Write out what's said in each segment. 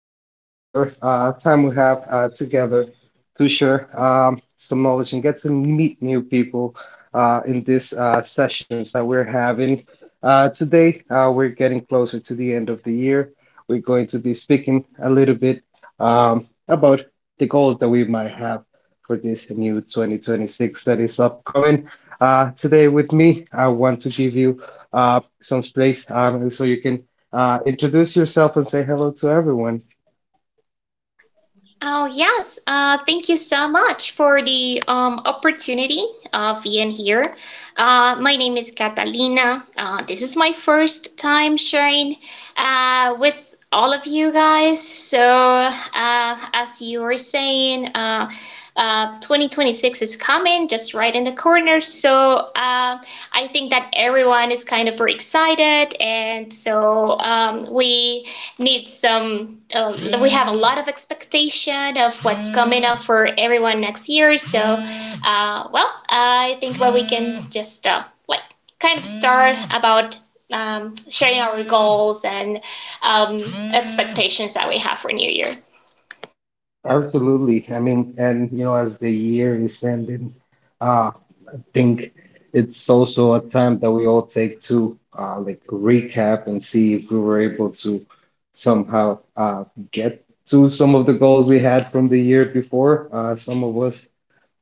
to another time we have together to share some knowledge and get to meet new people in these sessions that we're having. Today, we're getting closer to the end of the year. We're going to be speaking a little bit about the goals that we might have for this new 2026 that is upcoming. Today, with me, I want to give you some space so you can introduce yourself and say hello to everyone. Oh, yes. Thank you so much for the opportunity of being here. My name is Catalina. This is my first time sharing with all of you guys. So, as you were saying, 2026 is coming, just right in the corner. So I think that everyone is kind of excited, and so we need some. We have a lot of expectation of what's coming up for everyone next year. So, well, I think what we can just like kind of start about sharing our goals and um, expectations that we have for New Year. Absolutely. I mean, and as the year is ending, uh, I think it's also a time that we all take to like recap and see if we were able to somehow get to some of the goals we had from the year before. Some of us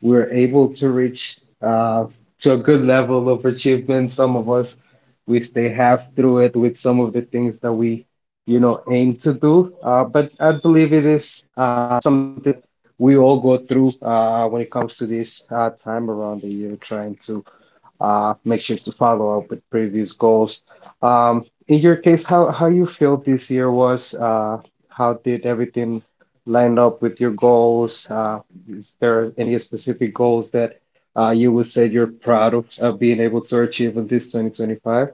we're able to reach to a good level of achievement. Some of us, we stay half through it with some of the things that we aim to do. But I believe it is something that we all go through when it comes to this time around the year, trying to make sure to follow up with previous goals. In your case, how you feel this year was? How did everything line up with your goals? Is there any specific goals that you would say you're proud of being able to achieve in this 2025?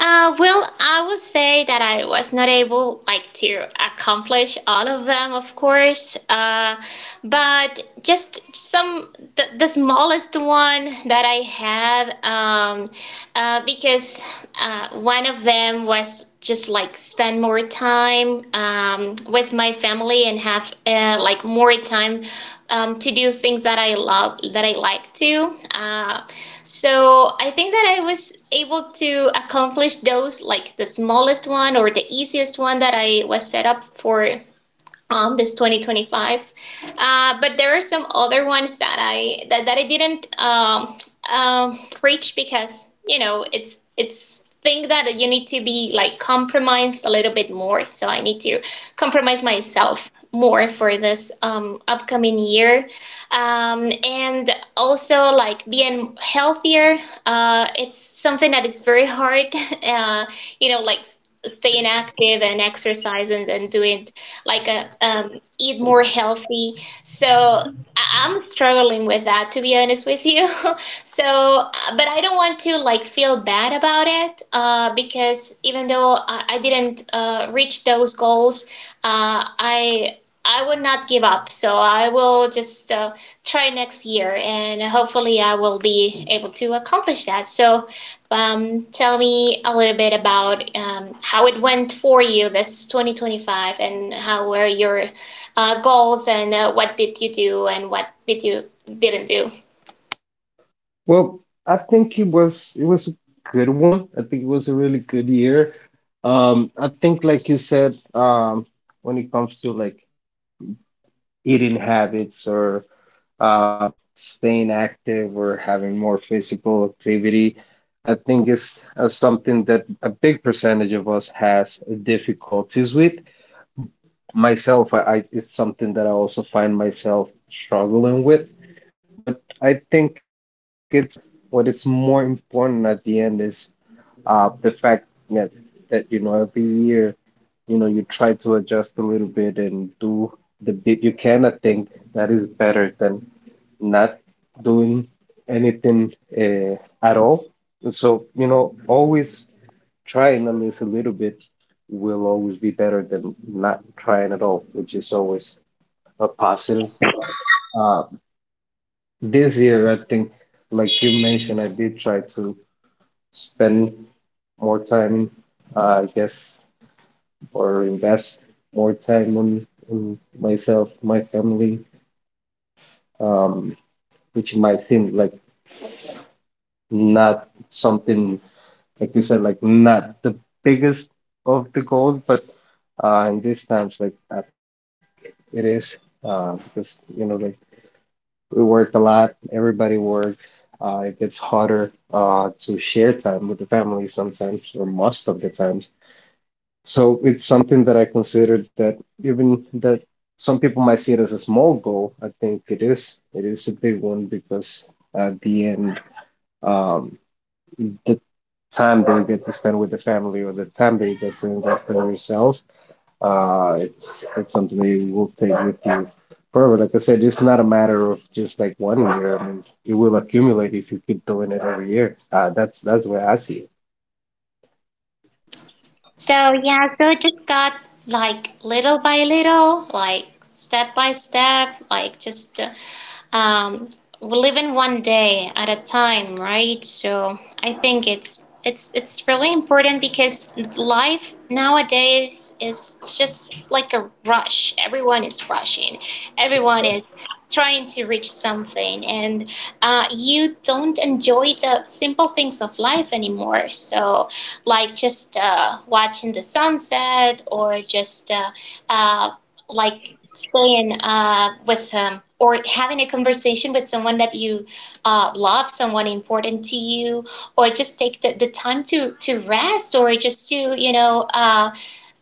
Well, I would say that I was not able like to accomplish all of them, of course. But just some the smallest one that I had, because one of them was just like spend more time with my family and have like more time to do things that I love, that I like to. So I think that I was able to accomplish those, like the smallest one or the easiest one that I was set up for this 2025. But there are some other ones that I didn't reach because you know it's thing that you need to be like compromised a little bit more. So I need to compromise myself more for this upcoming year and also like being healthier, it's something that is very hard uh, you know like staying active and exercising and doing like a eat more healthy. So I'm struggling with that to be honest with you. So, but I don't want to like feel bad about it because even though I didn't reach those goals, uh, I I will not give up. So I will just try next year and hopefully I will be able to accomplish that. So, tell me a little bit about how it went for you this 2025 and how were your goals and what did you do and what did you didn't do. Well, I think it was a good one. I think it was a really good year. I think like you said, when it comes to like eating habits or uh, staying active or having more physical activity, I think is something that a big percentage of us has difficulties with. Myself, I it's something that I also find myself struggling with, but I think it's what is more important at the end is the fact that every year you try to adjust a little bit and do the bit you can. I think that is better than not doing anything at all. So, always trying at least a little bit will always be better than not trying at all, which is always a positive. Uh, this year, I think, like you mentioned, I did try to spend more time, I guess, or invest more time on myself, my family, um, which might seem like not something like you said, like not the biggest of the goals, but in these times, like I think it is because like we work a lot, everybody works. It gets harder to share time with the family sometimes, or most of the times. So it's something that I consider that even that some people might see it as a small goal, I think it is. It is a big one because at the end. Um, the time that you get to spend with the family or the time that you get to invest in yourself, it's something that you will take with you forever. Like I said, it's not a matter of just like one year. I mean, it will accumulate if you keep doing it every year. That's the way I see it. So yeah, so it just got like little by little, like step by step, like just uh, um, living one day at a time, right? So I think it's really important because life nowadays is just like a rush. Everyone is rushing. Everyone is trying to reach something, and you don't enjoy the simple things of life anymore. So, like just watching the sunset, or just uh, like staying with or having a conversation with someone that you love, someone important to you, or just take the time to rest or just to you know uh,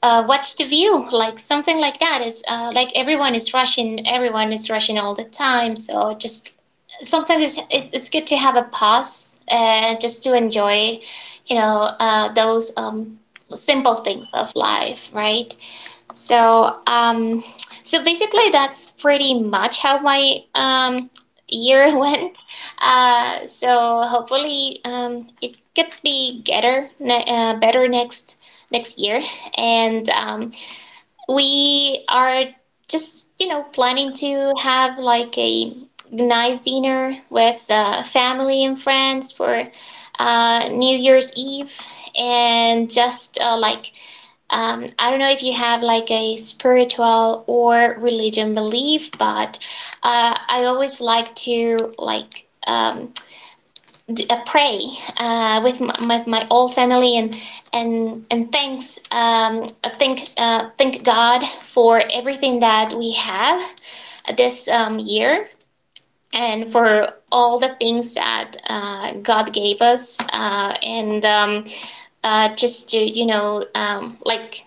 uh, what's the view like, something like that is like, everyone is rushing, everyone is rushing all the time, so just sometimes it's good to have a pause and just to enjoy you know those simple things of life, right? So so basically, that's pretty much how my year went. So hopefully, it could be better, better next next year. And we are just you know planning to have like a nice dinner with family and friends for New Year's Eve, and just like I don't know if you have like a spiritual or religion belief, but I always like to like pray with my whole family and and thanks thank thank God for everything that we have this year and for all the things that God gave us and. Just to you know like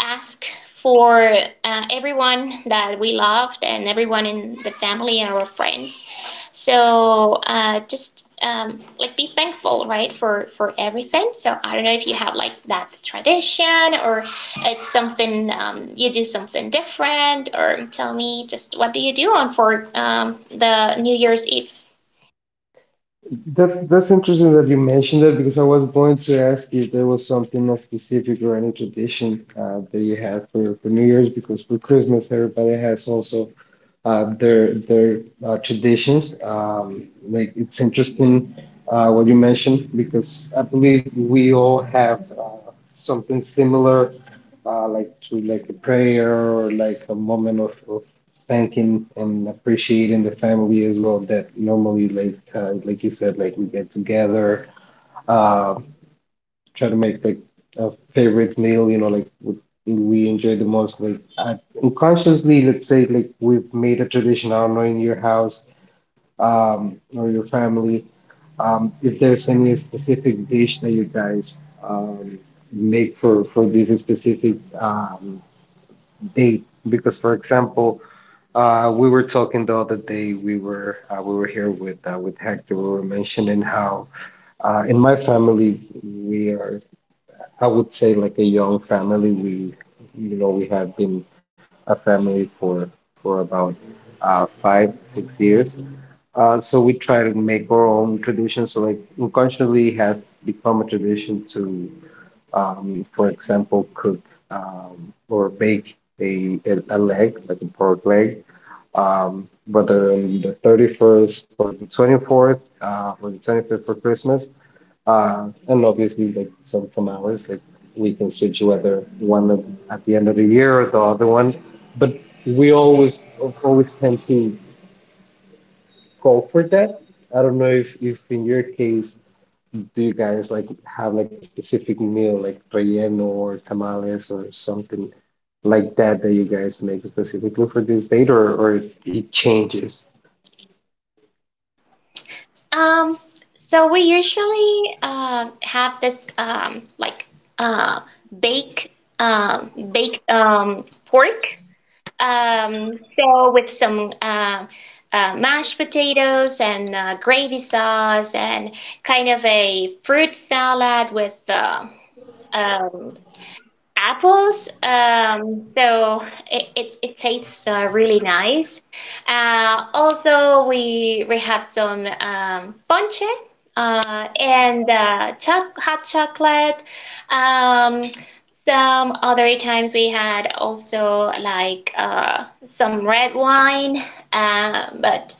ask for everyone that we loved and everyone in the family and our friends. So just like be thankful, right, for everything. So I don't know if you have like that tradition or it's something you do something different, or tell me just what do you do on for the New Year's Eve. That's interesting that you mentioned that because I was going to ask you if there was something specific or any tradition that you have for New Year's because for Christmas everybody has also their traditions. Like it's interesting what you mentioned because I believe we all have something similar, like to like a prayer or like a moment of thanking and appreciating the family as well that normally like you said like we get together uh try to make like a favorite meal like what we enjoy the most like I, unconsciously let's say like we've made a tradition. I don't know in your house or your family if there's any specific dish that you guys um make for this specific date because for example we were talking the other day. We were here with Hector. We were mentioning how in my family we are, I would say, like a young family. We have been a family for about 5 6 years. So we try to make our own traditions. So like unconsciously has become a tradition to, for example, cook or bake a leg, like a pork leg whether on the 31st or the 24th or the 25th for Christmas. And obviously, like some tamales, like we can switch whether one of, at the end of the year or the other one. But we always tend to go for that. I don't know if in your case, do you guys like have like a specific meal like relleno or tamales or something like that that you guys make specifically for this date or it changes? Um, so we usually have this like uh bake baked pork so with some mashed potatoes and gravy sauce and kind of a fruit salad with um apples. So it tastes really nice. Also, we have some ponche and hot chocolate. Um, some other times we had also like some red wine, but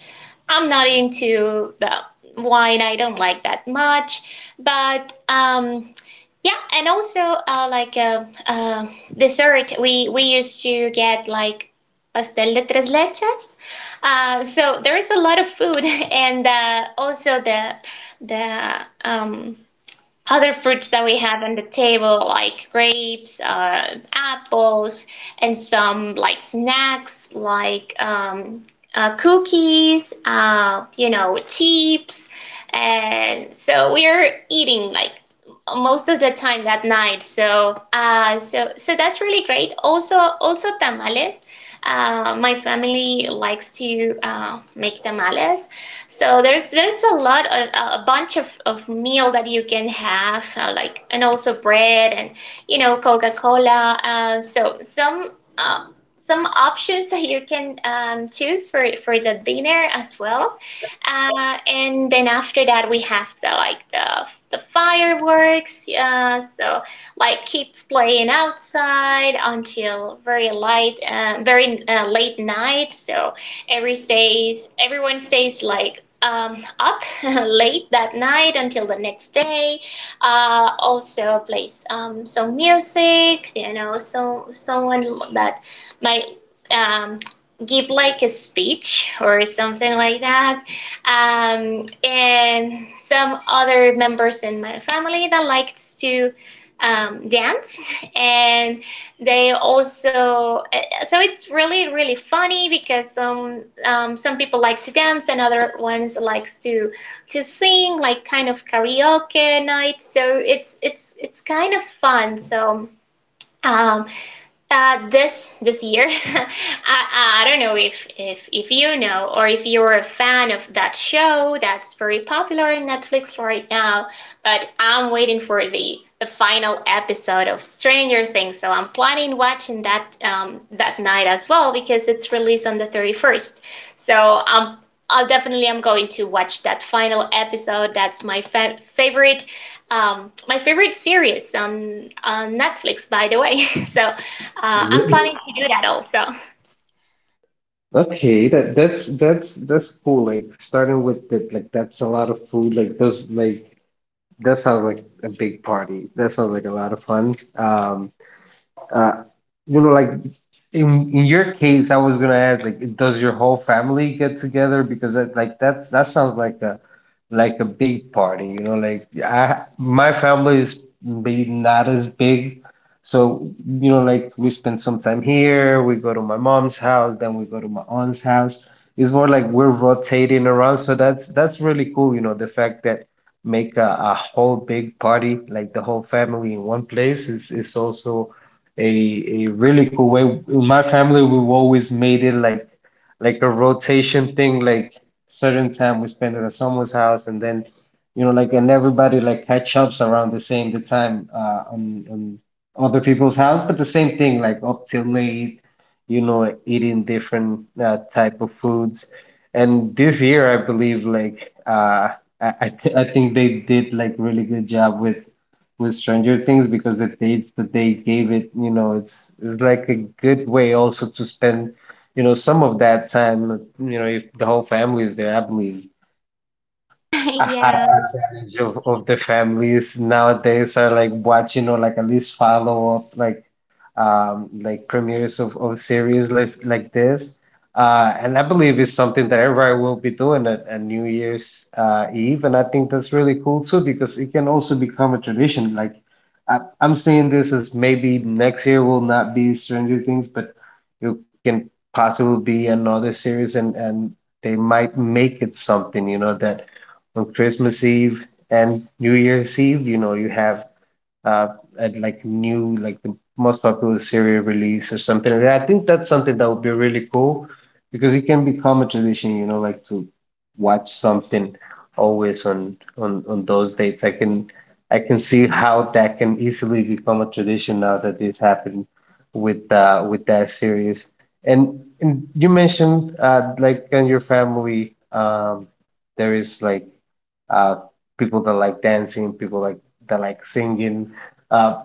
I'm not into the wine. I don't like that much, but yeah, and also like dessert, we used to get like pastel de tres leches. So there is a lot of food, and also the other fruits that we have on the table, like grapes, apples, and some like snacks, like cookies, you know, chips. And so we're eating like most of the time that night. So, so that's really great. Also, also tamales. My family likes to make tamales, so there's a lot of a bunch of meal that you can have like, and also bread and you know Coca Cola. So uh, some options that you can choose for the dinner as well. And then after that we have the like the fireworks. So like kids playing outside until very light, very late night. So every stays, everyone stays like up late that night until the next day. Also plays some music, you know, so someone that might um, give like a speech or something like that. And some other members in my family that likes to dance and they also so it's really really funny because some people like to dance and other ones likes to sing, like kind of karaoke night, so it's kind of fun. So um, this this year, I don't know if, if you know or if you're a fan of that show that's very popular in Netflix right now, but I'm waiting for the final episode of Stranger Things, so I'm planning watching that that night as well because it's released on the 31st. So I'm I'll definitely am going to watch that final episode. That's my favorite, my favorite series on Netflix, by the way. So I'm Really? planning to do that also. Okay, that's cool. Like starting with that, like that's a lot of food. Like those, like that sounds like a big party. That sounds like a lot of fun. Uh, like in your case, I was gonna ask, like, does your whole family get together? Because that, like, that sounds like a big party. Like I my family is maybe not as big, so like we spend some time here. We go to my mom's house, then we go to my aunt's house. It's more like we're rotating around, so that's really cool. You know, the fact that make a whole big party, like the whole family in one place, is also a really cool way. In my family, we've always made it like a rotation thing, like certain time we spend it at someone's house and then like and everybody like catch ups around the same the time on other people's house, but the same thing, like up till late, eating different type of foods. And this year, I believe like I think they did like really good job with Stranger Things because the dates that they gave it, it's like a good way also to spend, some of that time, if the whole family is there, I believe a high Yeah. percentage of the families nowadays are like watching or like at least follow up like premieres of series like this. And I believe it's something that everybody will be doing at New Year's Eve, and I think that's really cool too because it can also become a tradition. Like I'm seeing this as maybe next year will not be Stranger Things, but it can possibly be another series, and they might make it something, that on Christmas Eve and New Year's Eve, you have uh, and like new, like the most popular serial release or something like that. I think that's something that would be really cool because it can become a tradition, like to watch something always on those dates. I can see how that can easily become a tradition now that this happened with that series. And you mentioned like in your family there is like uh people that like dancing, people like that like singing uh,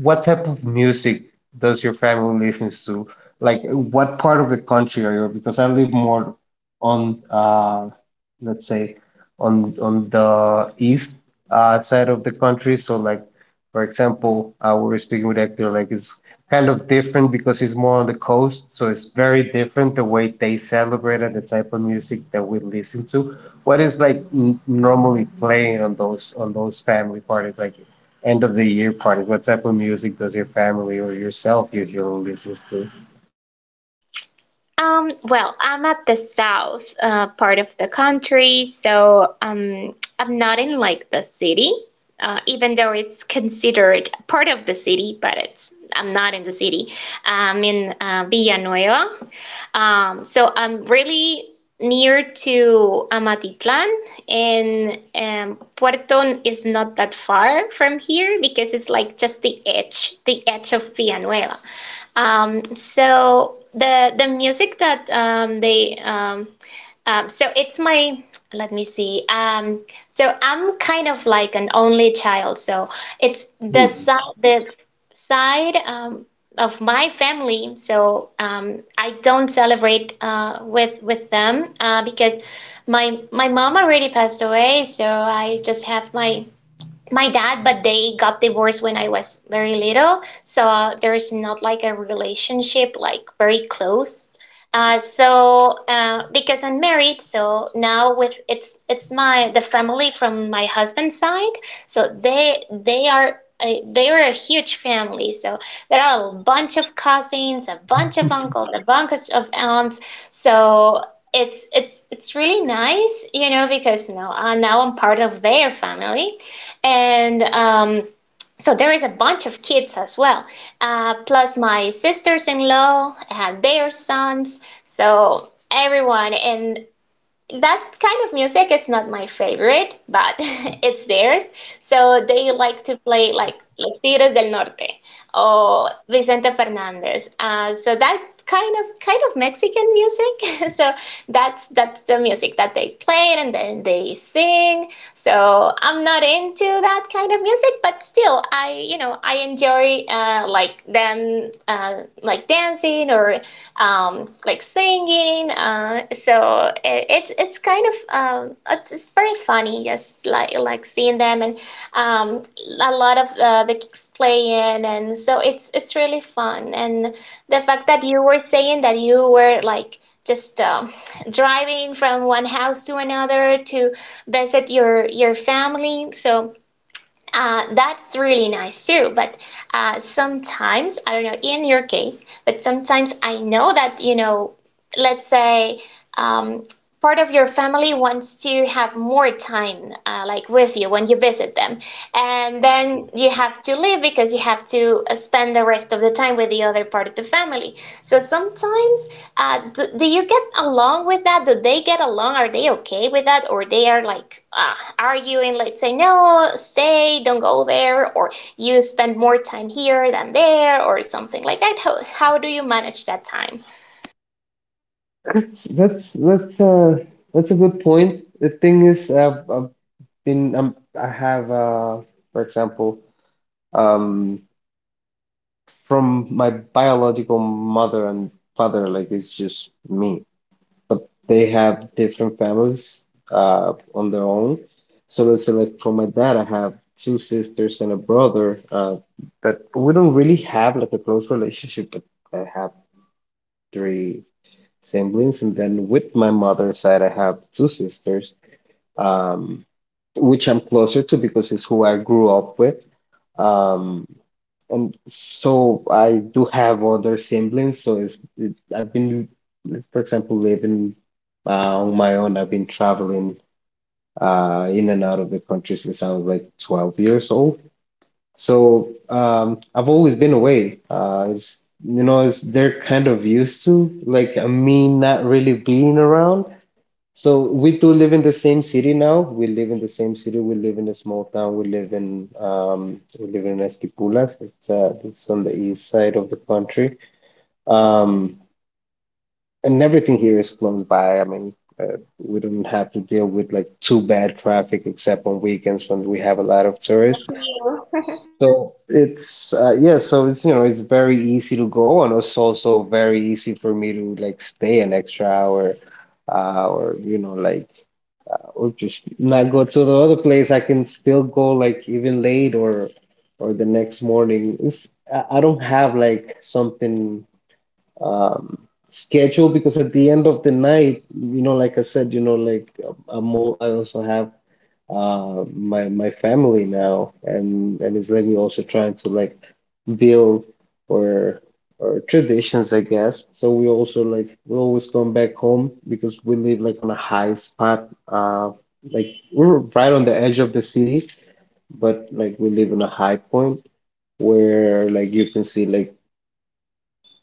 what type of music does your family listens to? Like, what part of the country are you? Because I live more on, let's say, on the east side of the country. So, like, for example, we were speaking with Hector, like, it's kind of different because it's more on the coast. So it's very different the way they celebrate and the type of music that we listen to. What is like n normally playing on those family parties? Like end of the year parties? What type of music does your family or yourself usually listens to? Well, I'm at the south part of the country, so I'm not in like the city, even though it's considered part of the city, but it's I'm not in the city. I'm in Villanueva. So I'm really near to Amatitlan, and Puerto is not that far from here because it's like just the edge of Villanueva. So the music that they so it's my let me see. So I'm kind of like an only child, so it's the side the side. Of my family, so I don't celebrate with them because my mom already passed away, so I just have my dad, but they got divorced when I was very little, so there's not like a relationship like very close, because I'm married, so now with it's my the family from my husband's side. So they are. They are a huge family, so there are a bunch of cousins, a bunch of uncles, a bunch of aunts. So it's really nice, you know, because now I'm part of their family, and so there is a bunch of kids as well, plus my sisters-in-law, their sons, so everyone. And that kind of music is not my favorite, but it's theirs. So they like to play like Los Tigres del Norte or Vicente Fernandez. So that kind of Mexican music. So that's the music that they play and then they sing. So I'm not into that kind of music, but still I you know I enjoy like them like dancing or like singing. So it's kind of it's very funny, just like seeing them and um, a lot of the kids playing, and so it's really fun. And the fact that you were saying that you were like just driving from one house to another to visit your family, so that's really nice too. But sometimes, I don't know, in your case, but sometimes I know that, let's say um, part of your family wants to have more time like with you when you visit them, and then you have to leave because you have to spend the rest of the time with the other part of the family. So sometimes do you get along with that? Do they get along? Are they okay with that, or they are like arguing, let's say, no, stay, don't go there, or you spend more time here than there or something like that? How do you manage that time? That's that's that's uh that's a good point. The thing is, I've been I have for example um from my biological mother and father like it's just me. But they have different families on their own. So let's say, like for my dad, I have two sisters and a brother that we don't really have like a close relationship, but I have three siblings. And then with my mother's side, I have two sisters. Um, which I'm closer to because it's who I grew up with. Um, and so I do have other siblings. So I've been, for example, living on my own. I've been traveling in and out of the country since I was like 12 years old. So I've always been away. It's, you know, it's, They're kind of used to like me not really being around. So we two live in the same city now. We live in the same city. We live in a small town. We live in Esquipulas. It's on the east side of the country. Um, and everything here is close by. I mean, we don't have to deal with like too bad traffic except on weekends when we have a lot of tourists. So it's yeah, so it's you know it's very easy to go, and it's also very easy for me to like stay an extra hour, or like or just not go to the other place. I can still go like even late or the next morning. It's, I don't have like something um scheduled because at the end of the night, like I said, I also have my family now, and it's like we're also trying to like build or or traditions, I guess. So we also, like, we always come back home because we live like on a high spot, like we're right on the edge of the city, but like we live on a high point where, like, you can see, like,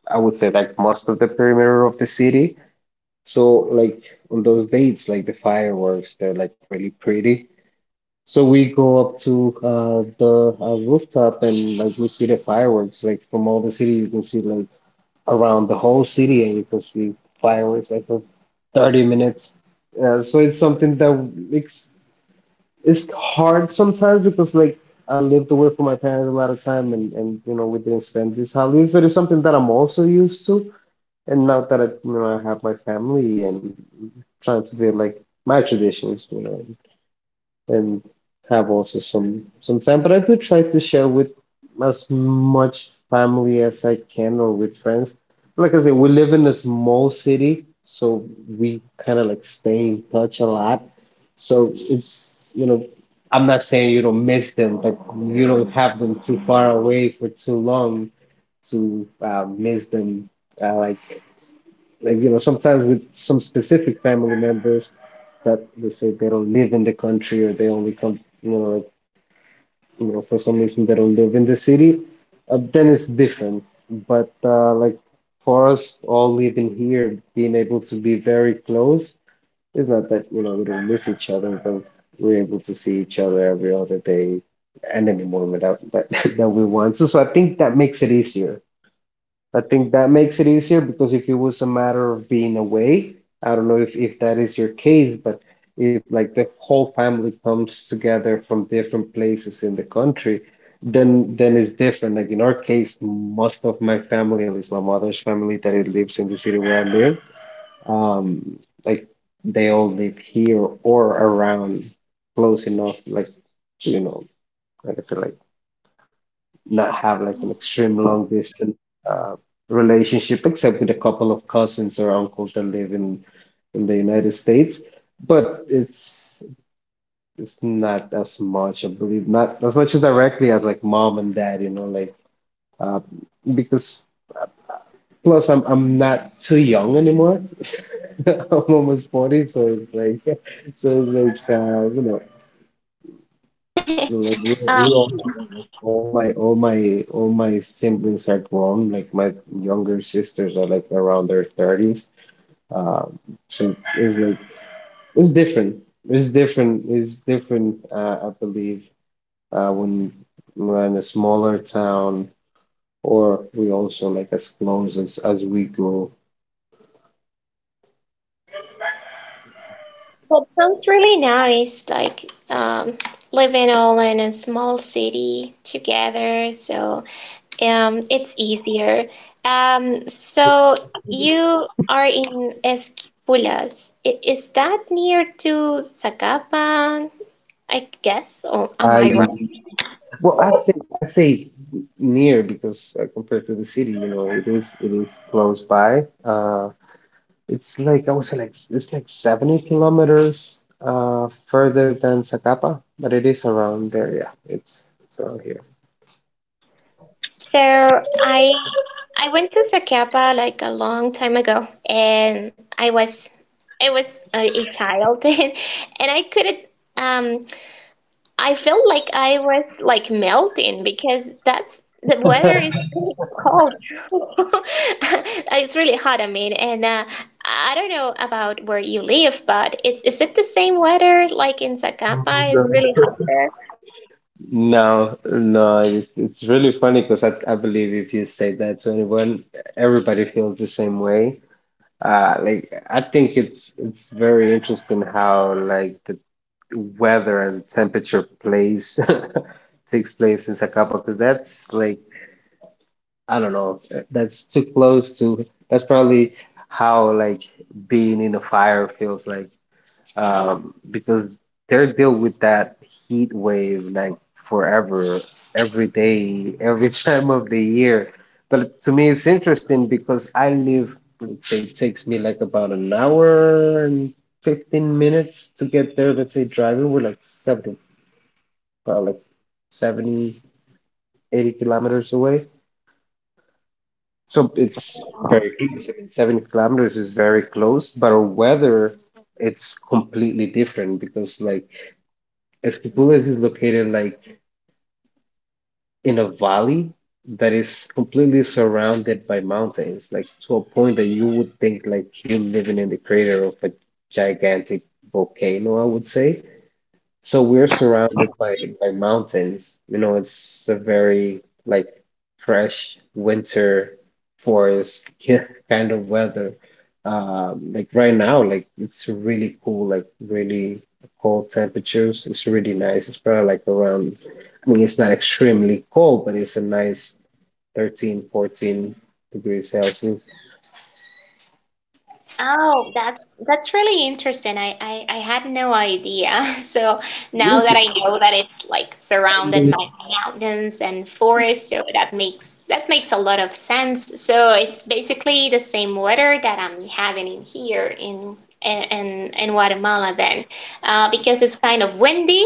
I would say, like, most of the perimeter of the city. So, like, on those dates, like, the fireworks, they're, like, really pretty. So we go up to the rooftop, and, like, we see the fireworks, like, from all the city. You can see, like, around the whole city, and you can see fireworks like for 30 minutes. So it's something that makes it's hard sometimes because like I lived away from my parents a lot of time, and we didn't spend these holidays, but it's something that I'm also used to. And now that I you know I have my family and trying to build like my traditions, and have also some time. But I do try to share with as much family as I can or with friends. Like I said, we live in a small city, so we kind of like stay in touch a lot. So I'm not saying you don't miss them, but you don't have them too far away for too long to miss them. Uh, like like, sometimes with some specific family members that they say they don't live in the country or they only come like, for some reason they don't live in the city, then it's different, but like for us all living here being able to be very close, it's not that, we don't miss each other, but we're able to see each other every other day and anymore without that that we want to. So I think that makes it easier because if it was a matter of being away, I don't know if, that is your case, but if like the whole family comes together from different places in the country, then it's different. Like in our case, most of my family, at least my mother's family that it lives in the city where I live, um, like they all live here or around close enough, like, you know, like I said, like not have like an extreme long distance uh, relationship, except with a couple of cousins or uncles that live in the United States. But it's not as much, I believe, not as much as directly as like mom and dad, like uh, because plus I'm not too young anymore. I'm almost 40, so it's like so it's like you know, like, Uh, we're, all my siblings are grown. Like my younger sisters are like around their 30s. Um, so it's like it's different. It's different. It's different. I believe, when we're in a smaller town, or we also like as close as we go. that sounds really nice, like living all in a small city together, so it's easier. So you are in Esquipulas. Is that near to Zacapa, I guess, or am I I wrong? well, I say near because compared to the city, it is close by. It's like I would say like it's like 70 kilometers further than Zacapa, but it is around there. Yeah, it's around here. So I went to Zacapa like a long time ago, and I was a child, and I couldn't. Um, I felt like I was like melting because that's the weather is really cold. It's really hot, I mean, and I don't know about where you live, but it's is it the same weather like in Zacapa? It's really No. hot there. No, no, it's really funny because I believe if you say that to anyone, everybody feels the same way. Like, I think it's very interesting how like the weather and temperature plays takes place in Zacapa because that's like I don't know. That's too close to. That's probably how like being in a fire feels like. Because they're dealing with that heat wave like forever, every day, every time of the year. But to me, it's interesting because I live. Let's say it takes me like about an hour and 15 minutes to get there. Let's say driving, we're like 70, like 70, 80 kilometers away. So it's very close. I mean, 7 kilometers is very close, but our weather it's completely different because like Esquipulas is located like in a valley that is completely surrounded by mountains, like to a point that you would think like you're living in the crater of a gigantic volcano, I would say. So we're surrounded by mountains. You know, it's a very like fresh winter forest kind of weather. Like, right now, like it's really cool, like really cold temperatures. It's really nice. It's probably like around, I mean, it's not extremely cold, but it's a nice 13, 14 degrees Celsius. Oh, that's really interesting. I had no idea. So now that I know that it's like surrounded by mountains and forests, so that makes a lot of sense. So it's basically the same weather that I'm having in here in Guatemala then, because it's kind of windy,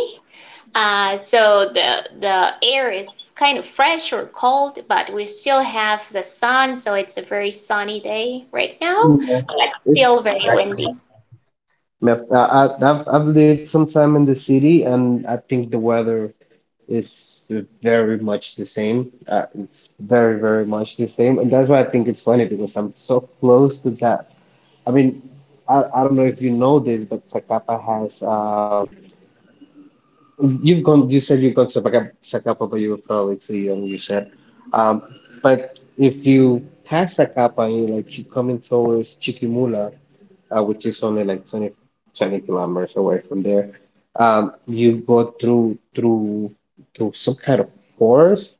so the air is kind of fresh or cold, but we still have the sun, so it's a very sunny day right now, Yeah, but it's still very exactly. windy. I've, I- I've lived some time in the city, and I think the weather is very much the same. It's very, very much the same. And that's why I think it's funny because I'm so close to that. I mean, I don't know if you know this, but Zacapa has you said you've gone to Zacapa, Zacapa, but you were probably too young, you said. Um but if you pass Zacapa and you, coming towards Chiquimula, which is only like 20, 20 kilometers away from there. You go through some kind of forest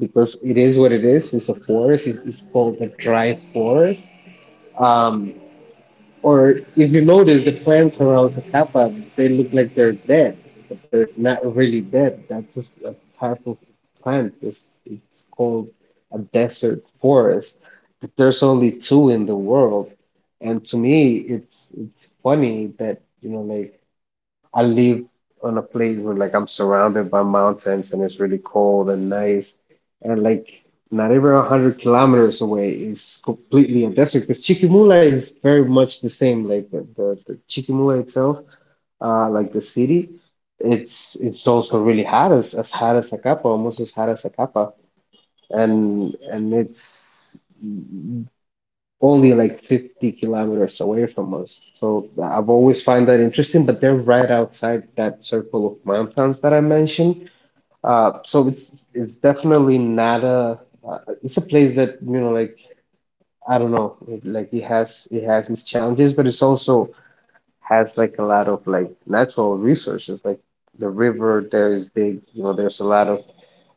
because it is what it is. It's, a forest. It's called the dry forest. Um, or if you notice, the plants around Zacapa, they look like they're dead, but they're not really dead. That's just a type of plant. It's called a desert forest. But there's only two in the world. And to me, it's funny that, like I live on a place where like I'm surrounded by mountains and it's really cold and nice. And like not even 100 kilometers away is completely a desert because Chiquimula is very much the same. Like the Chiquimula itself, like the city, it's also really hot as hot as Acapa, almost as hot as Acapa. And it's only like 50 kilometers away from us. So I've always find that interesting, but they're right outside that circle of mountains that I mentioned. So it's definitely not a it's a place that like I don't know like it has its challenges, but it's also has like a lot of like natural resources, like the river there is big, there's a lot of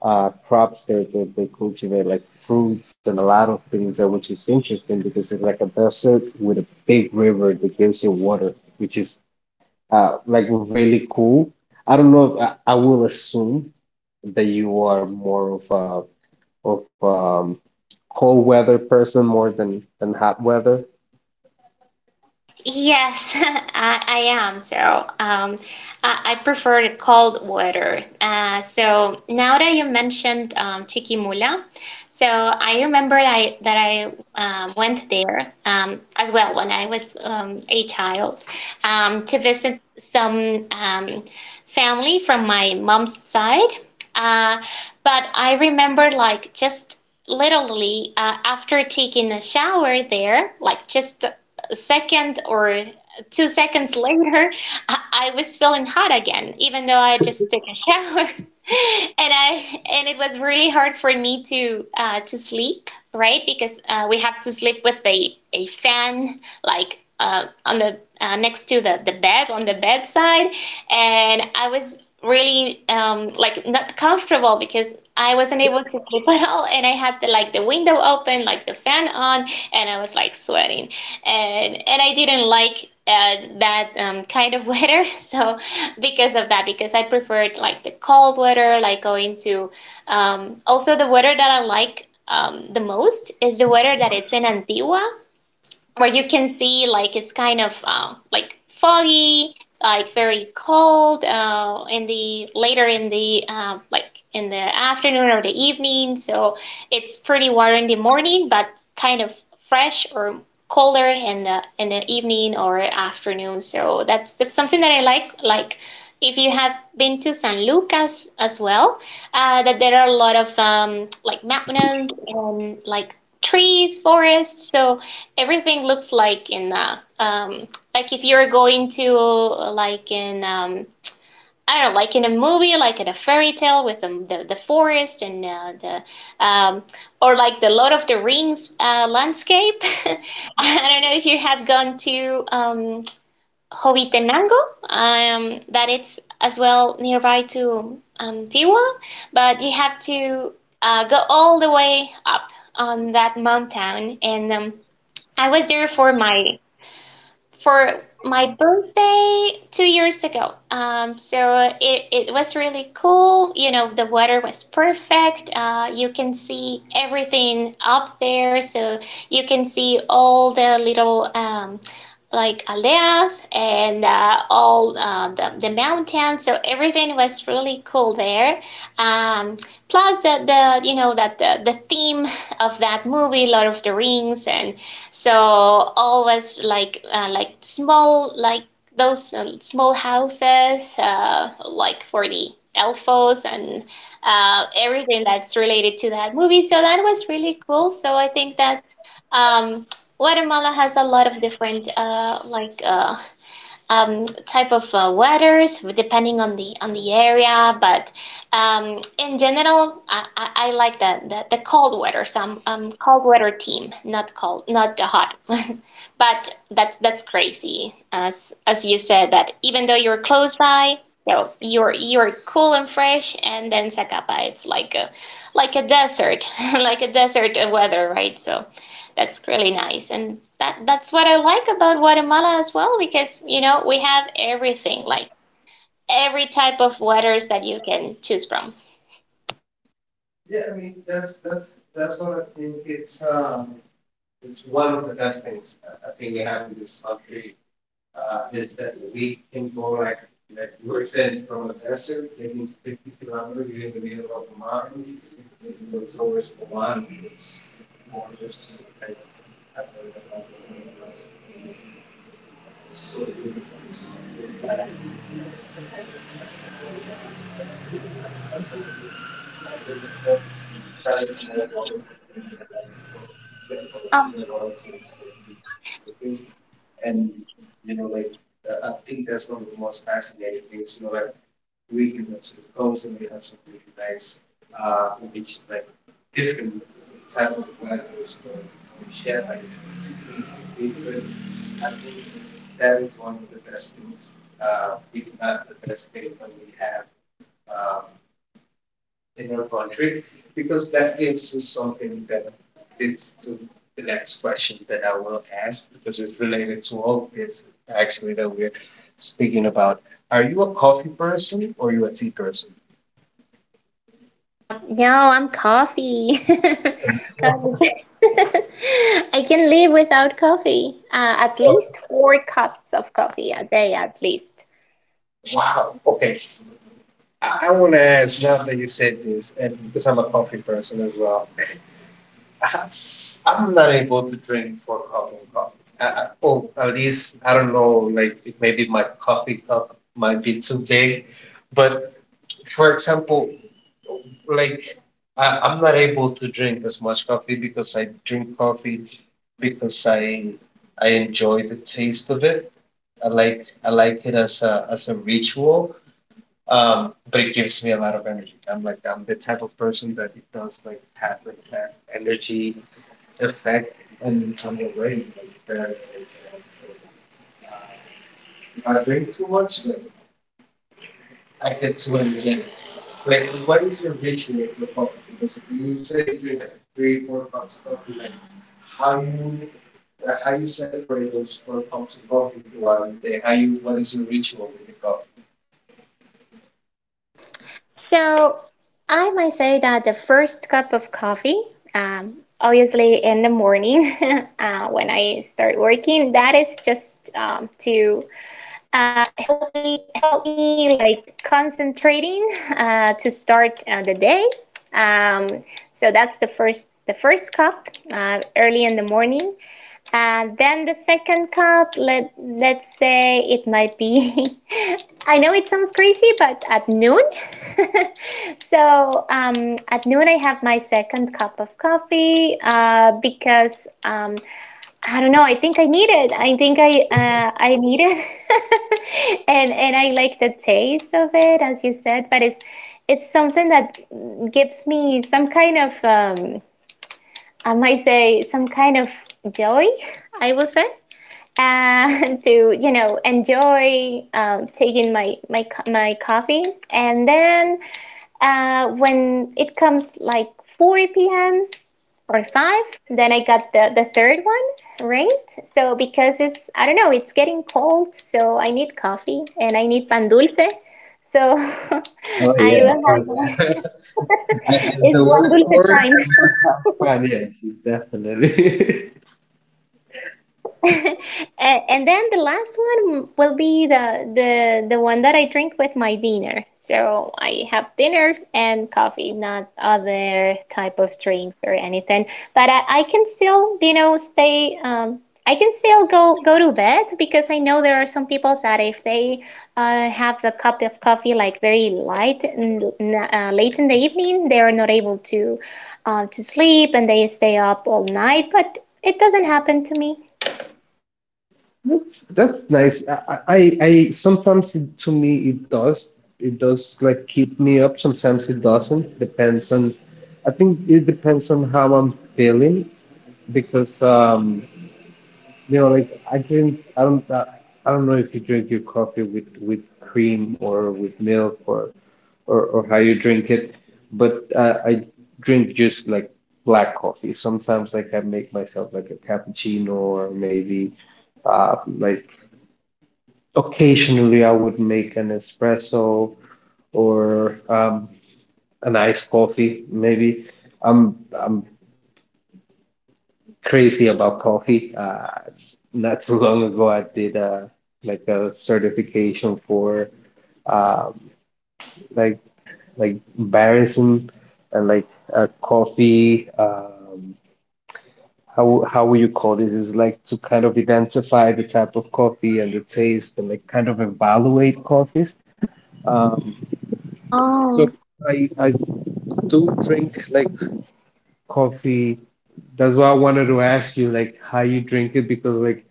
crops there that they cultivate, like fruits and a lot of things there, which is interesting because it's like a desert with a big river that gives you water, which is like really cool. I don't know if I will assume that you are more of a of cold weather person more than hot weather. Yes, I am. So, I prefer the cold water. So now that you mentioned Chiquimula, so I remember that I went there as well when I was a child, to visit some family from my mom's side. Uh, but I remember like just literally after taking a shower there, like just a second or 2 seconds later, I was feeling hot again, even though I just took a shower. And it was really hard for me to sleep, right? Because we had to sleep with a fan, like on the next to the bed on the bedside, and I was really like not comfortable because I wasn't able to sleep at all, and I had the like the window open, like the fan on, and I was like sweating, and I didn't like that kind of weather. So because of that, because I preferred like the cold weather, like going to, also the weather that I like the most is the weather that it's in Antigua, where you can see like it's kind of like foggy, like very cold in the later in the like in the afternoon or the evening. So it's pretty warm in the morning, but kind of fresh or colder in the evening or afternoon. So that's something that I like if you have been to San Lucas as well, that there are a lot of like mountains and like trees, forests. So everything looks like in like if you're going to like in, I don't know, like in a movie, like in a fairy tale, with the forest and the or like the Lord of the Rings landscape. I don't know if you have gone to Jovetenango, that it's as well nearby to Tiwa, but you have to go all the way up on that mountain. And I was there for my birthday 2 years ago. So it was really cool. You know, the weather was perfect. You can see everything up there. So you can see all the little, like Aleas and all the mountains, so everything was really cool there. Um, plus the that the theme of that movie, Lord of the Rings, and so always like small, like those small houses like for the elfos and everything that's related to that movie. So that was really cool. So I think that um, Guatemala has a lot of different type of weathers depending on the area. But in general, I like the cold weather. So I'm cold weather team, not cold, not the hot. But that's crazy, as you said, that even though you're close by. So you're cool and fresh, and then Sakapa, it's like a desert, like a desert weather, right? So that's really nice, and that's what I like about Guatemala as well, because you know we have everything, like every type of waters that you can choose from. Yeah, I mean that's what I think it's. It's one of the best things I think we have in this country. Is that we can go like you were saying, from a desert, it 50 kilometers, you're in the middle of a mountain. Oh, Thinking about, are you a coffee person or are you a tea person? No, I'm coffee. Coffee. I can live without coffee, at Oh, least 4 cups of coffee a day, at least. wow. Okay. I want to ask now that you said this, and because I'm a coffee person as well. I, I'm not able to drink four cups of coffee. Well, at least I don't know. Like it maybe my coffee cup might be too big, but for example, like I'm not able to drink as much coffee because I drink coffee because I enjoy the taste of it. I like it as a ritual. But it gives me a lot of energy. I'm the type of person that it does like have like that energy effect. So I might say that the first cup of coffee, obviously in the morning, when I start working, that is just to help me like concentrating, to start the day. Um, so that's the first cup, early in the morning. And then the second cup, let's say it might be. I know it sounds crazy, but at noon. So at noon, I have my second cup of coffee, because I don't know. I think I need it. I think I need it, and I like the taste of it, as you said. But it's something that gives me some kind of, I might say, some kind of joy, I will say, and to enjoy taking my coffee, and then when it comes like 4 p.m. or 5, then I got the third one, right? So because it's, I don't know, it's getting cold, so I need coffee and I need pan dulce. So Oh I yeah. will Oh, have, yeah. And the it's pan word for dulce it time. must have fun. Yes, it's definitely. And then the last one will be the one that I drink with my dinner. So I have dinner and coffee, not other type of drinks or anything. But I can still, stay. I can still go to bed, because I know there are some people that, if they have a cup of coffee, like very light and late in the evening, they are not able to sleep and they stay up all night. But it doesn't happen to me. That's nice. I sometimes to me it does like keep me up. Sometimes it doesn't. Depends on. I think it depends on how I'm feeling because you know like I drink I don't I, I don't know if you drink your coffee with cream or with milk or how you drink it, but I drink just like black coffee. Sometimes like I make myself like a cappuccino or maybe like occasionally, I would make an espresso or an iced coffee, maybe. I'm crazy about coffee. Not too long ago, I did like a certification for um, like barism, and like a coffee. How would you call this? Is like to kind of identify the type of coffee and the taste and like kind of evaluate coffees. Um, Oh. So I do drink like coffee. That's why I wanted to ask you like how you drink it because like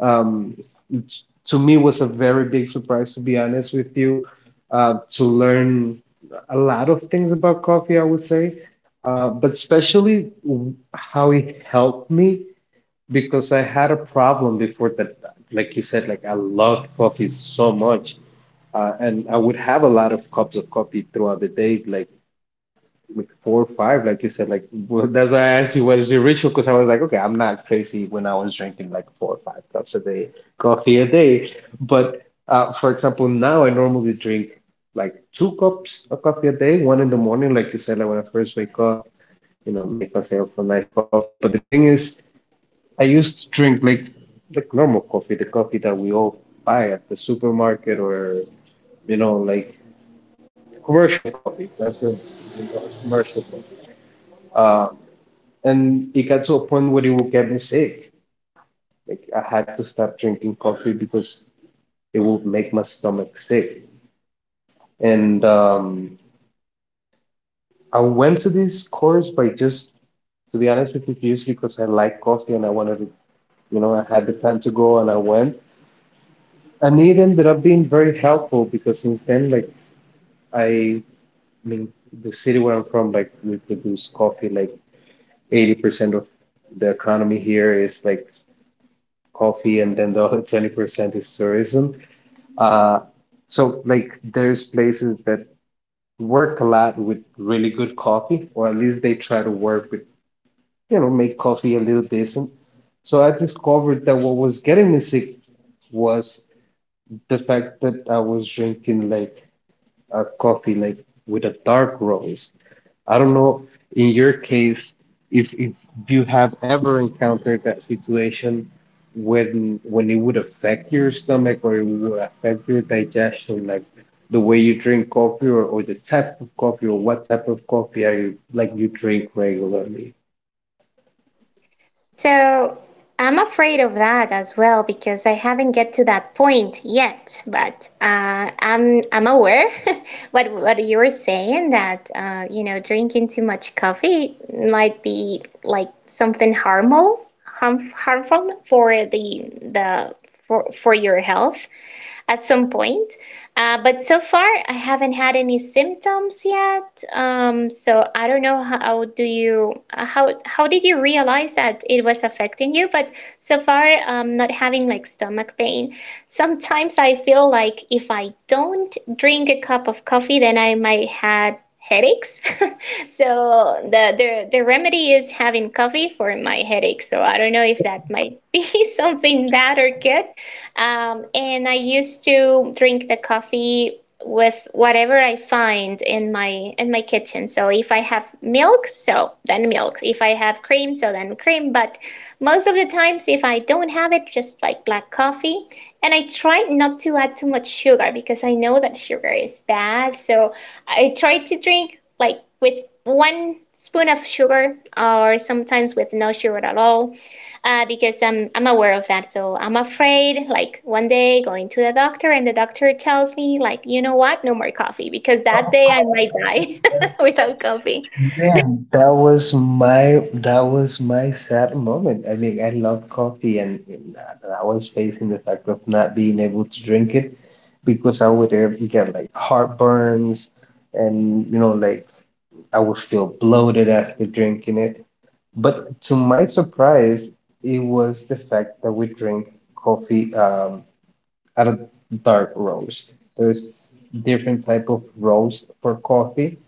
um it- to me was a very big surprise to be honest with you to learn a lot of things about coffee. I would say but especially w- how it helped me because I had a problem before that, like you said, like I love coffee so much, and I would have a lot of cups of coffee throughout the day, like four or five, like you said. Like well, that's why I asked you what is your ritual because I was like, okay, I'm not crazy when I was drinking like four or five cups a day, coffee a day. But for example, now I normally drink like two cups of coffee a day, one in the morning, like you said, like when I first wake up, you know, make myself a nice coffee. But the thing is, I used to drink like normal coffee, the coffee that we all buy at the supermarket or you know, like commercial coffee. That's the you know, commercial coffee. Uh. And it got to a point where it would get me sick. Like I had to stop drinking coffee because it would make my stomach sick. And I went to this course by just, to be honest with you, just because I like coffee and I wanted to, you know, I had the time to go and I went. And it ended up being very helpful because since then, like, I, I mean, the city where I'm from, like, we produce coffee, like, 80% of the economy here is like coffee, and then the other 20% is tourism. Uh, so like there's places that work a lot with really good coffee, or at least they try to work with, you know, make coffee a little decent. So I discovered that what was getting me sick was the fact that I was drinking like a coffee like with a dark roast. I don't know in your case if you have ever encountered that situation when it would affect your stomach or it would affect your digestion, like the way you drink coffee or the type of coffee or what type of coffee are you like you drink regularly. So I'm afraid of that as well, because I haven't get to that point yet. But I'm aware what you were saying, that drinking too much coffee might be like something harmful for the for your health at some point. But so far, I haven't had any symptoms yet. So I don't know, how did you realize that it was affecting you? But so far, I'm not having like stomach pain. Sometimes I feel like if I don't drink a cup of coffee, then I might had headaches. So the remedy is having coffee for my headache. So I don't know if that might be something bad or good. And I used to drink the coffee with whatever I find in my kitchen. So if I have milk, so then milk. If I have cream, so then cream. But most of the times, if I don't have it, just like black coffee. And I try not to add too much sugar, because I know that sugar is bad. So I try to drink like with one spoon of sugar, or sometimes with no sugar at all, because I'm aware of that. So I'm afraid, like one day going to the doctor, and the doctor tells me, like, you know what, no more coffee, because that day I might die without coffee. Man, that was my sad moment. I mean, I love coffee, and I was facing the fact of not being able to drink it because I would get like heartburns, and you know, like I would feel bloated after drinking it. But to my surprise, it was the fact that we drink coffee at a dark roast. There's different type of roast for coffee.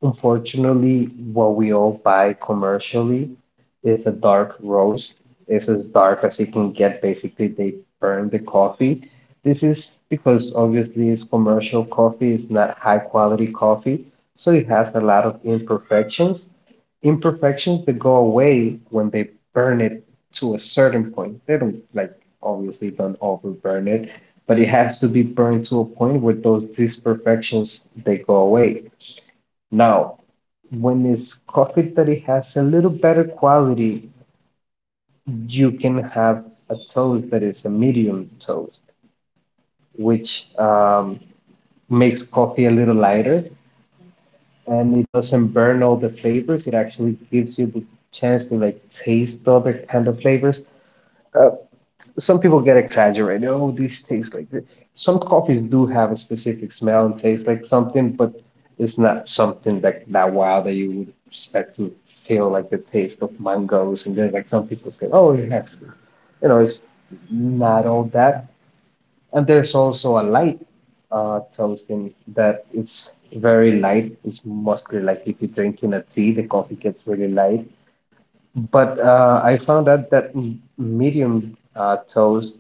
Unfortunately, what we all buy commercially is a dark roast. It's as dark as it can get. Basically, they burn the coffee. This is because obviously it's commercial coffee, it's not high quality coffee, so it has a lot of imperfections. Imperfections that go away when they burn it to a certain point. They don't like obviously don't overburn it, but it has to be burned to a point where those imperfections they go away. Now, when it's coffee that it has a little better quality, you can have a toast that is a medium toast, which makes coffee a little lighter and it doesn't burn all the flavors. It actually gives you the chance to like taste other kind of flavors. Some people get exaggerated. Oh, these taste like this. Some coffees do have a specific smell and taste like something, but it's not something like that wow that you would expect to feel like the taste of mangoes. And then like some people say, oh, it has, you know, it's not all that. And there's also a light toasting that it's very light. It's mostly like if you're drinking a tea, the coffee gets really light. But I found out that m- medium toast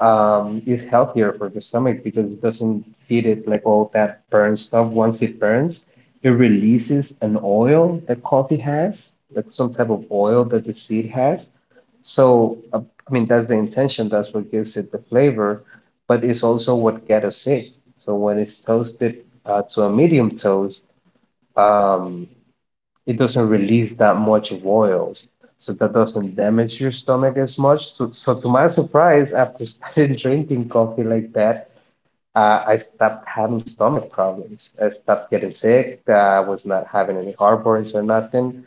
is healthier for the stomach because it doesn't feed it like all that burn stuff. Once it burns, it releases an oil that coffee has, like some type of oil that the seed has. So, I mean, that's the intention. That's what gives it the flavor, but it's also what gets us sick. So when it's toasted to a medium toast, um, it doesn't release that much of oils. So that doesn't damage your stomach as much. So, to my surprise, after starting drinking coffee like that, I stopped having stomach problems. I stopped getting sick. I was not having any heartburns or nothing.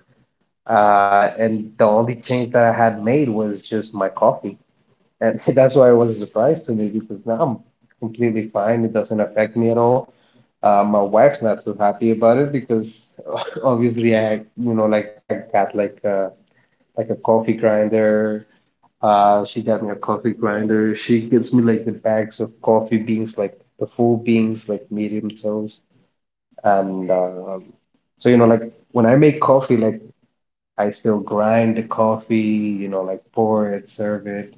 And the only change that I had made was just my coffee. And that's why it was a surprise to me because now I'm completely fine. It doesn't affect me at all. My wife's not too happy about it because obviously you know, like I got like a coffee grinder. She got me a coffee grinder. She gets me like the bags of coffee beans, like the full beans, like medium toast. And so you know, like when I make coffee, like I still grind the coffee, you know, like pour it, serve it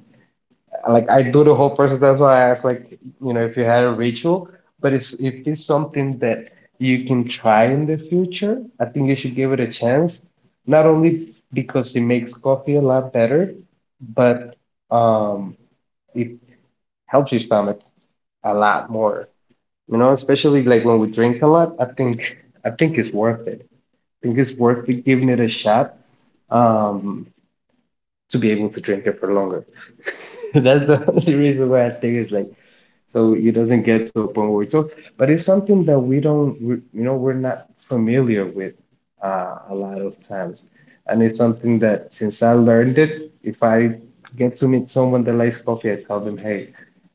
like I do the whole process. That's why I asked, like, you know, if you had a ritual, but it's if it's something that you can try in the future, I think you should give it a chance. Not only because it makes coffee a lot better, but um, it helps your stomach a lot more. You know, especially like when we drink a lot, I think it's worth it. I think it's worth it giving it a shot um, to be able to drink it for longer. That's the only reason why I think it's like so it doesn't get to a point where it's so but it's something that we don't you know we're not familiar with a lot of times and it's something that since I learned it, if I get to meet someone that likes coffee, I tell them, hey,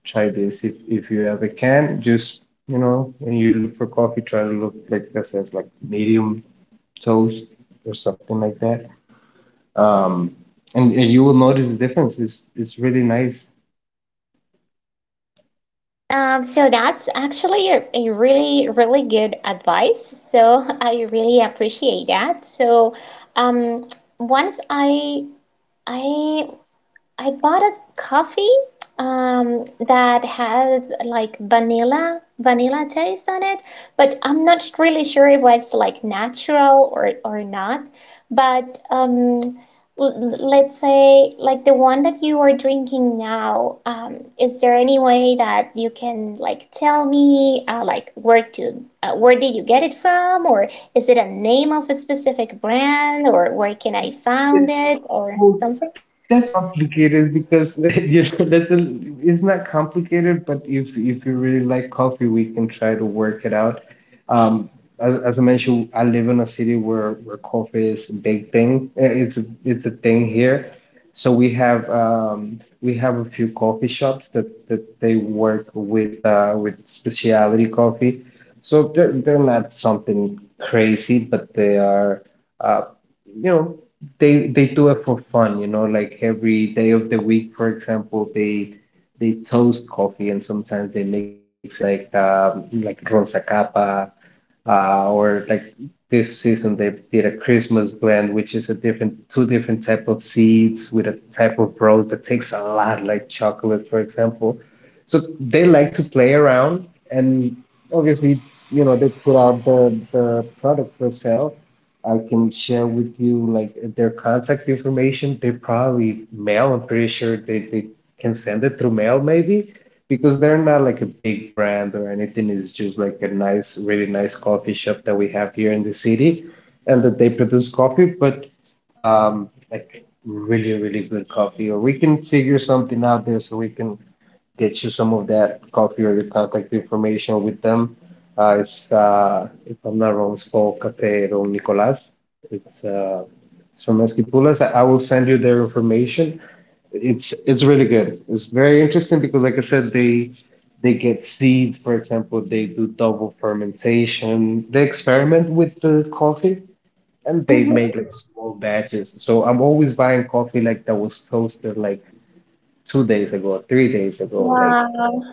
try this. If, you ever can, just you know, when you look for coffee, try to look like that says like medium toast or something like that, um and you will notice the difference. It's really nice. So that's actually a really, really good advice. So I really appreciate that. So um, once I I bought a coffee um, that had like vanilla taste on it, but I'm not really sure if it's like natural or not. But let's say like the one that you are drinking now, is there any way that you can like tell me, where did you get it from, or is it a name of a specific brand, or where can I find it, It's or well, something? that's complicated because you know that's a, it's not complicated, but if you really like coffee, we can try to work it out. Um, as I mentioned, I live in a city where coffee is a big thing. It's a thing here. So we have a few coffee shops that, that they work with specialty coffee. So they're not something crazy, but they are uh, you know they do it for fun, you know, like every day of the week, for example, they toast coffee and sometimes they mix it with like ron or like this season they did a Christmas blend, which is a different two different type of seeds with a type of rose that takes a lot, like chocolate, for example. So they like to play around, and obviously, you know, they put out the product for sale. I can share with you like their contact information. They probably mail. I'm pretty sure they can send it through mail, maybe because they're not like a big brand or anything. It's just like a nice, really nice coffee shop that we have here in the city, and that they produce coffee, but like really, really good coffee. Or we can figure something out there so we can get you some of that coffee or the contact information with them. It's If I'm not wrong, it's called Cafe Don Nicolas. It's uh, it's from Esquipulas. I will send you their information. It's really good. It's very interesting because, like I said, they get seeds. For example, they do double fermentation. They experiment with the coffee and they Mhm. make like small batches. So I'm always buying coffee like that was toasted like 2 days ago, 3 days ago. Like Wow,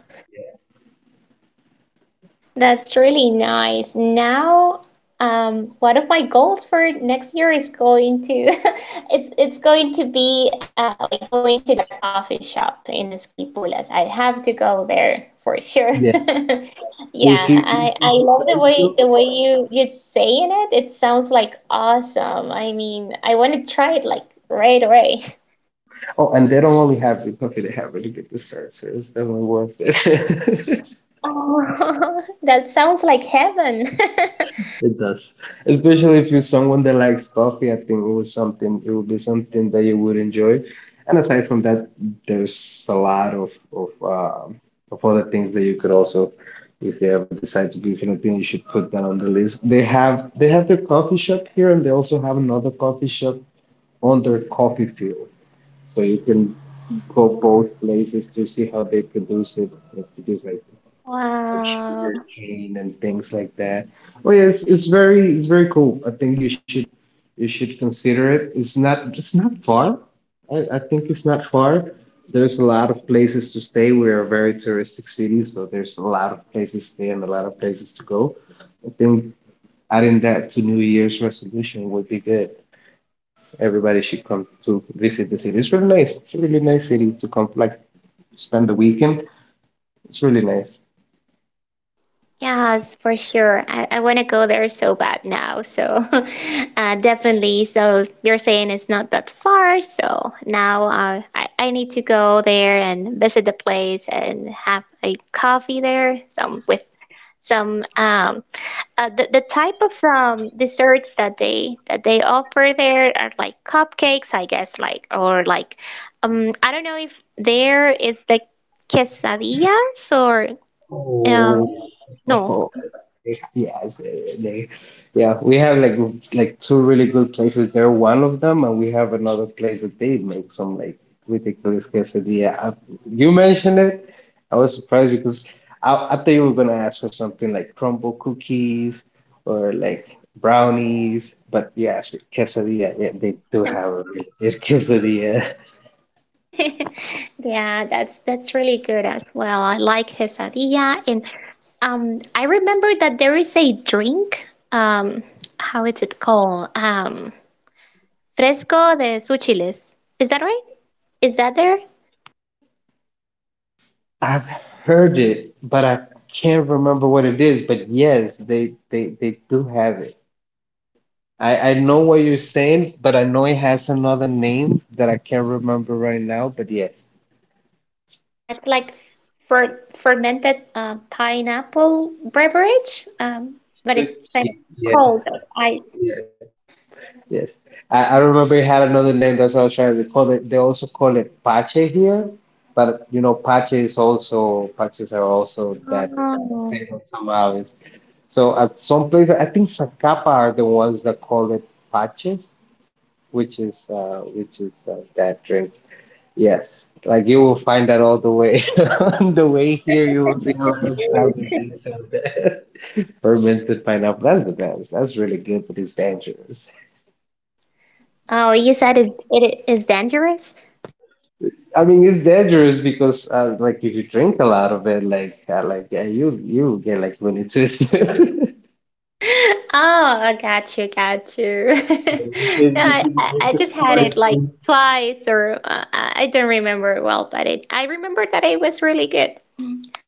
that's really nice. Now, one of my goals for next year is going to it's going to be, like going to that coffee shop in Esquipulas. I have to go there for sure. yes, Yeah, if I you love the decide way to. the way you're saying it. It sounds like awesome. I mean, I want to try it like right away. Oh, and they don't only have good coffee; they have really good desserts. So it's definitely worth it. Oh, that sounds like heaven. It does. Especially if you're someone that likes coffee, I think it would be something that you would enjoy. And aside from that, there's a lot of other things that you could also, if you ever decide to visit, I think you should put that on the list. They have their coffee shop here, and they also have another coffee shop on their coffee field. So you can go both places to see how they produce it. It is like Wow. sugar cane and things like that. Well, it's very cool. I think you should consider it. It's not far. I think it's not far. There's a lot of places to stay. We're a very touristic city, so there's a lot of places to stay and a lot of places to go. I think adding that to New Year's resolution would be good. Everybody should come to visit the city. It's really nice. It's a really nice city to come like spend the weekend. It's really nice. Yes, for sure. I want to go there so bad now. So, definitely. So, you're saying it's not that far. So, now I need to go there and visit the place and have a coffee there, some with some, the type of desserts that they offer there are like cupcakes, I guess, like, or like, I don't know if there is the quesadillas, or um Oh. no. Yes, it's, uh, they, yeah, we have like two really good places. They're one of them, and we have another place that they make some like ridiculous quesadilla. I, you mentioned it. I was surprised because I thought you were gonna ask for something like crumble cookies or like brownies, but you asked for quesadilla. Yeah, they do have a really good quesadilla. Yeah, that's really good as well. I like quesadilla, and I remember that there is a drink. How is it called? Fresco de Suchiles. Is that right? Is that there? I've heard it, but I can't remember what it is. But yes, they do have it. I know what you're saying, but I know it has another name that I can't remember right now. But yes, It's like fermented, pineapple beverage. But it's kind of yes, cold ice. yes. I remember it had another name. That's what I was trying to call it. They also call it pache here, but you know, pache is also paches are also that Oh, same from tamales. So at some places, I think Zacapa are the ones that call it paches, which is that drink. Yes, like you will find that all the way on the way here. You will see a lot of stuff with this fermented pineapple. That's the best. That's really good, but it's dangerous. oh, you said is it is dangerous? I mean, it's dangerous because like if you drink a lot of it, like yeah, you get like really twisted. Oh, I got you, got you. No, I just had it like twice, or I don't remember it well, but I remember that it was really good.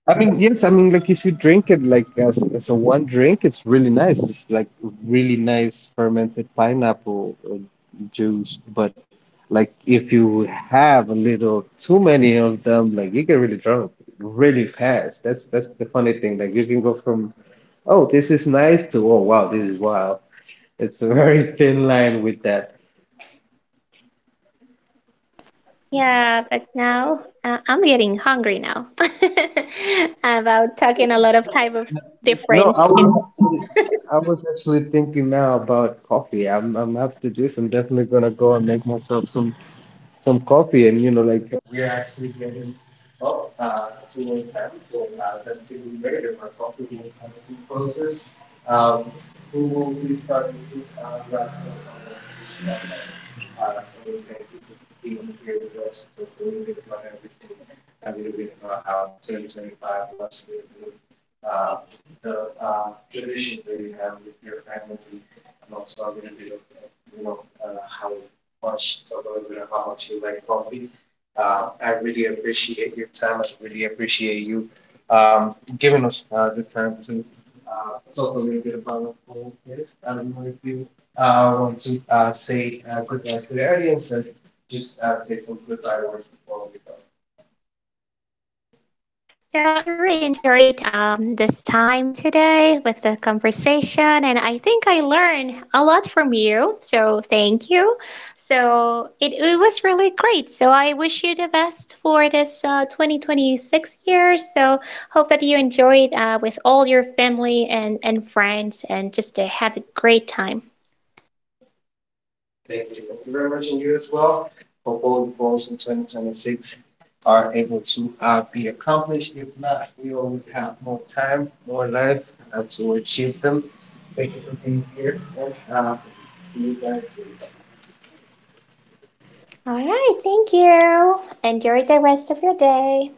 I mean, yes, I mean, like if you drink it like as a one drink, it's really nice. It's like really nice fermented pineapple juice. But like if you have a little too many of them, like you get really drunk really fast. That's the funny thing. Like you can go from, oh, this is nice to, oh, wow, this is wild. It's a very thin line with that. Yeah, but now I'm getting hungry now, about talking a lot of type of No, different, you know. I was actually thinking now about coffee. I'm after this. I'm definitely gonna go and make myself some coffee and you know like um I want to say good night to the audience and So I really enjoyed this time today with the conversation, and I think I learned a lot from you. So thank you. So it was really great. So I wish you the best for this 2026 year. So hope that you enjoyed, with all your family and friends, and just to have a great time. Thank you very much and you as well. Hope all the goals in 2026 are able to be accomplished. If not, we always have more time, more life to achieve them. Thank you for being here and see you guys soon. All right, thank you. Enjoy the rest of your day.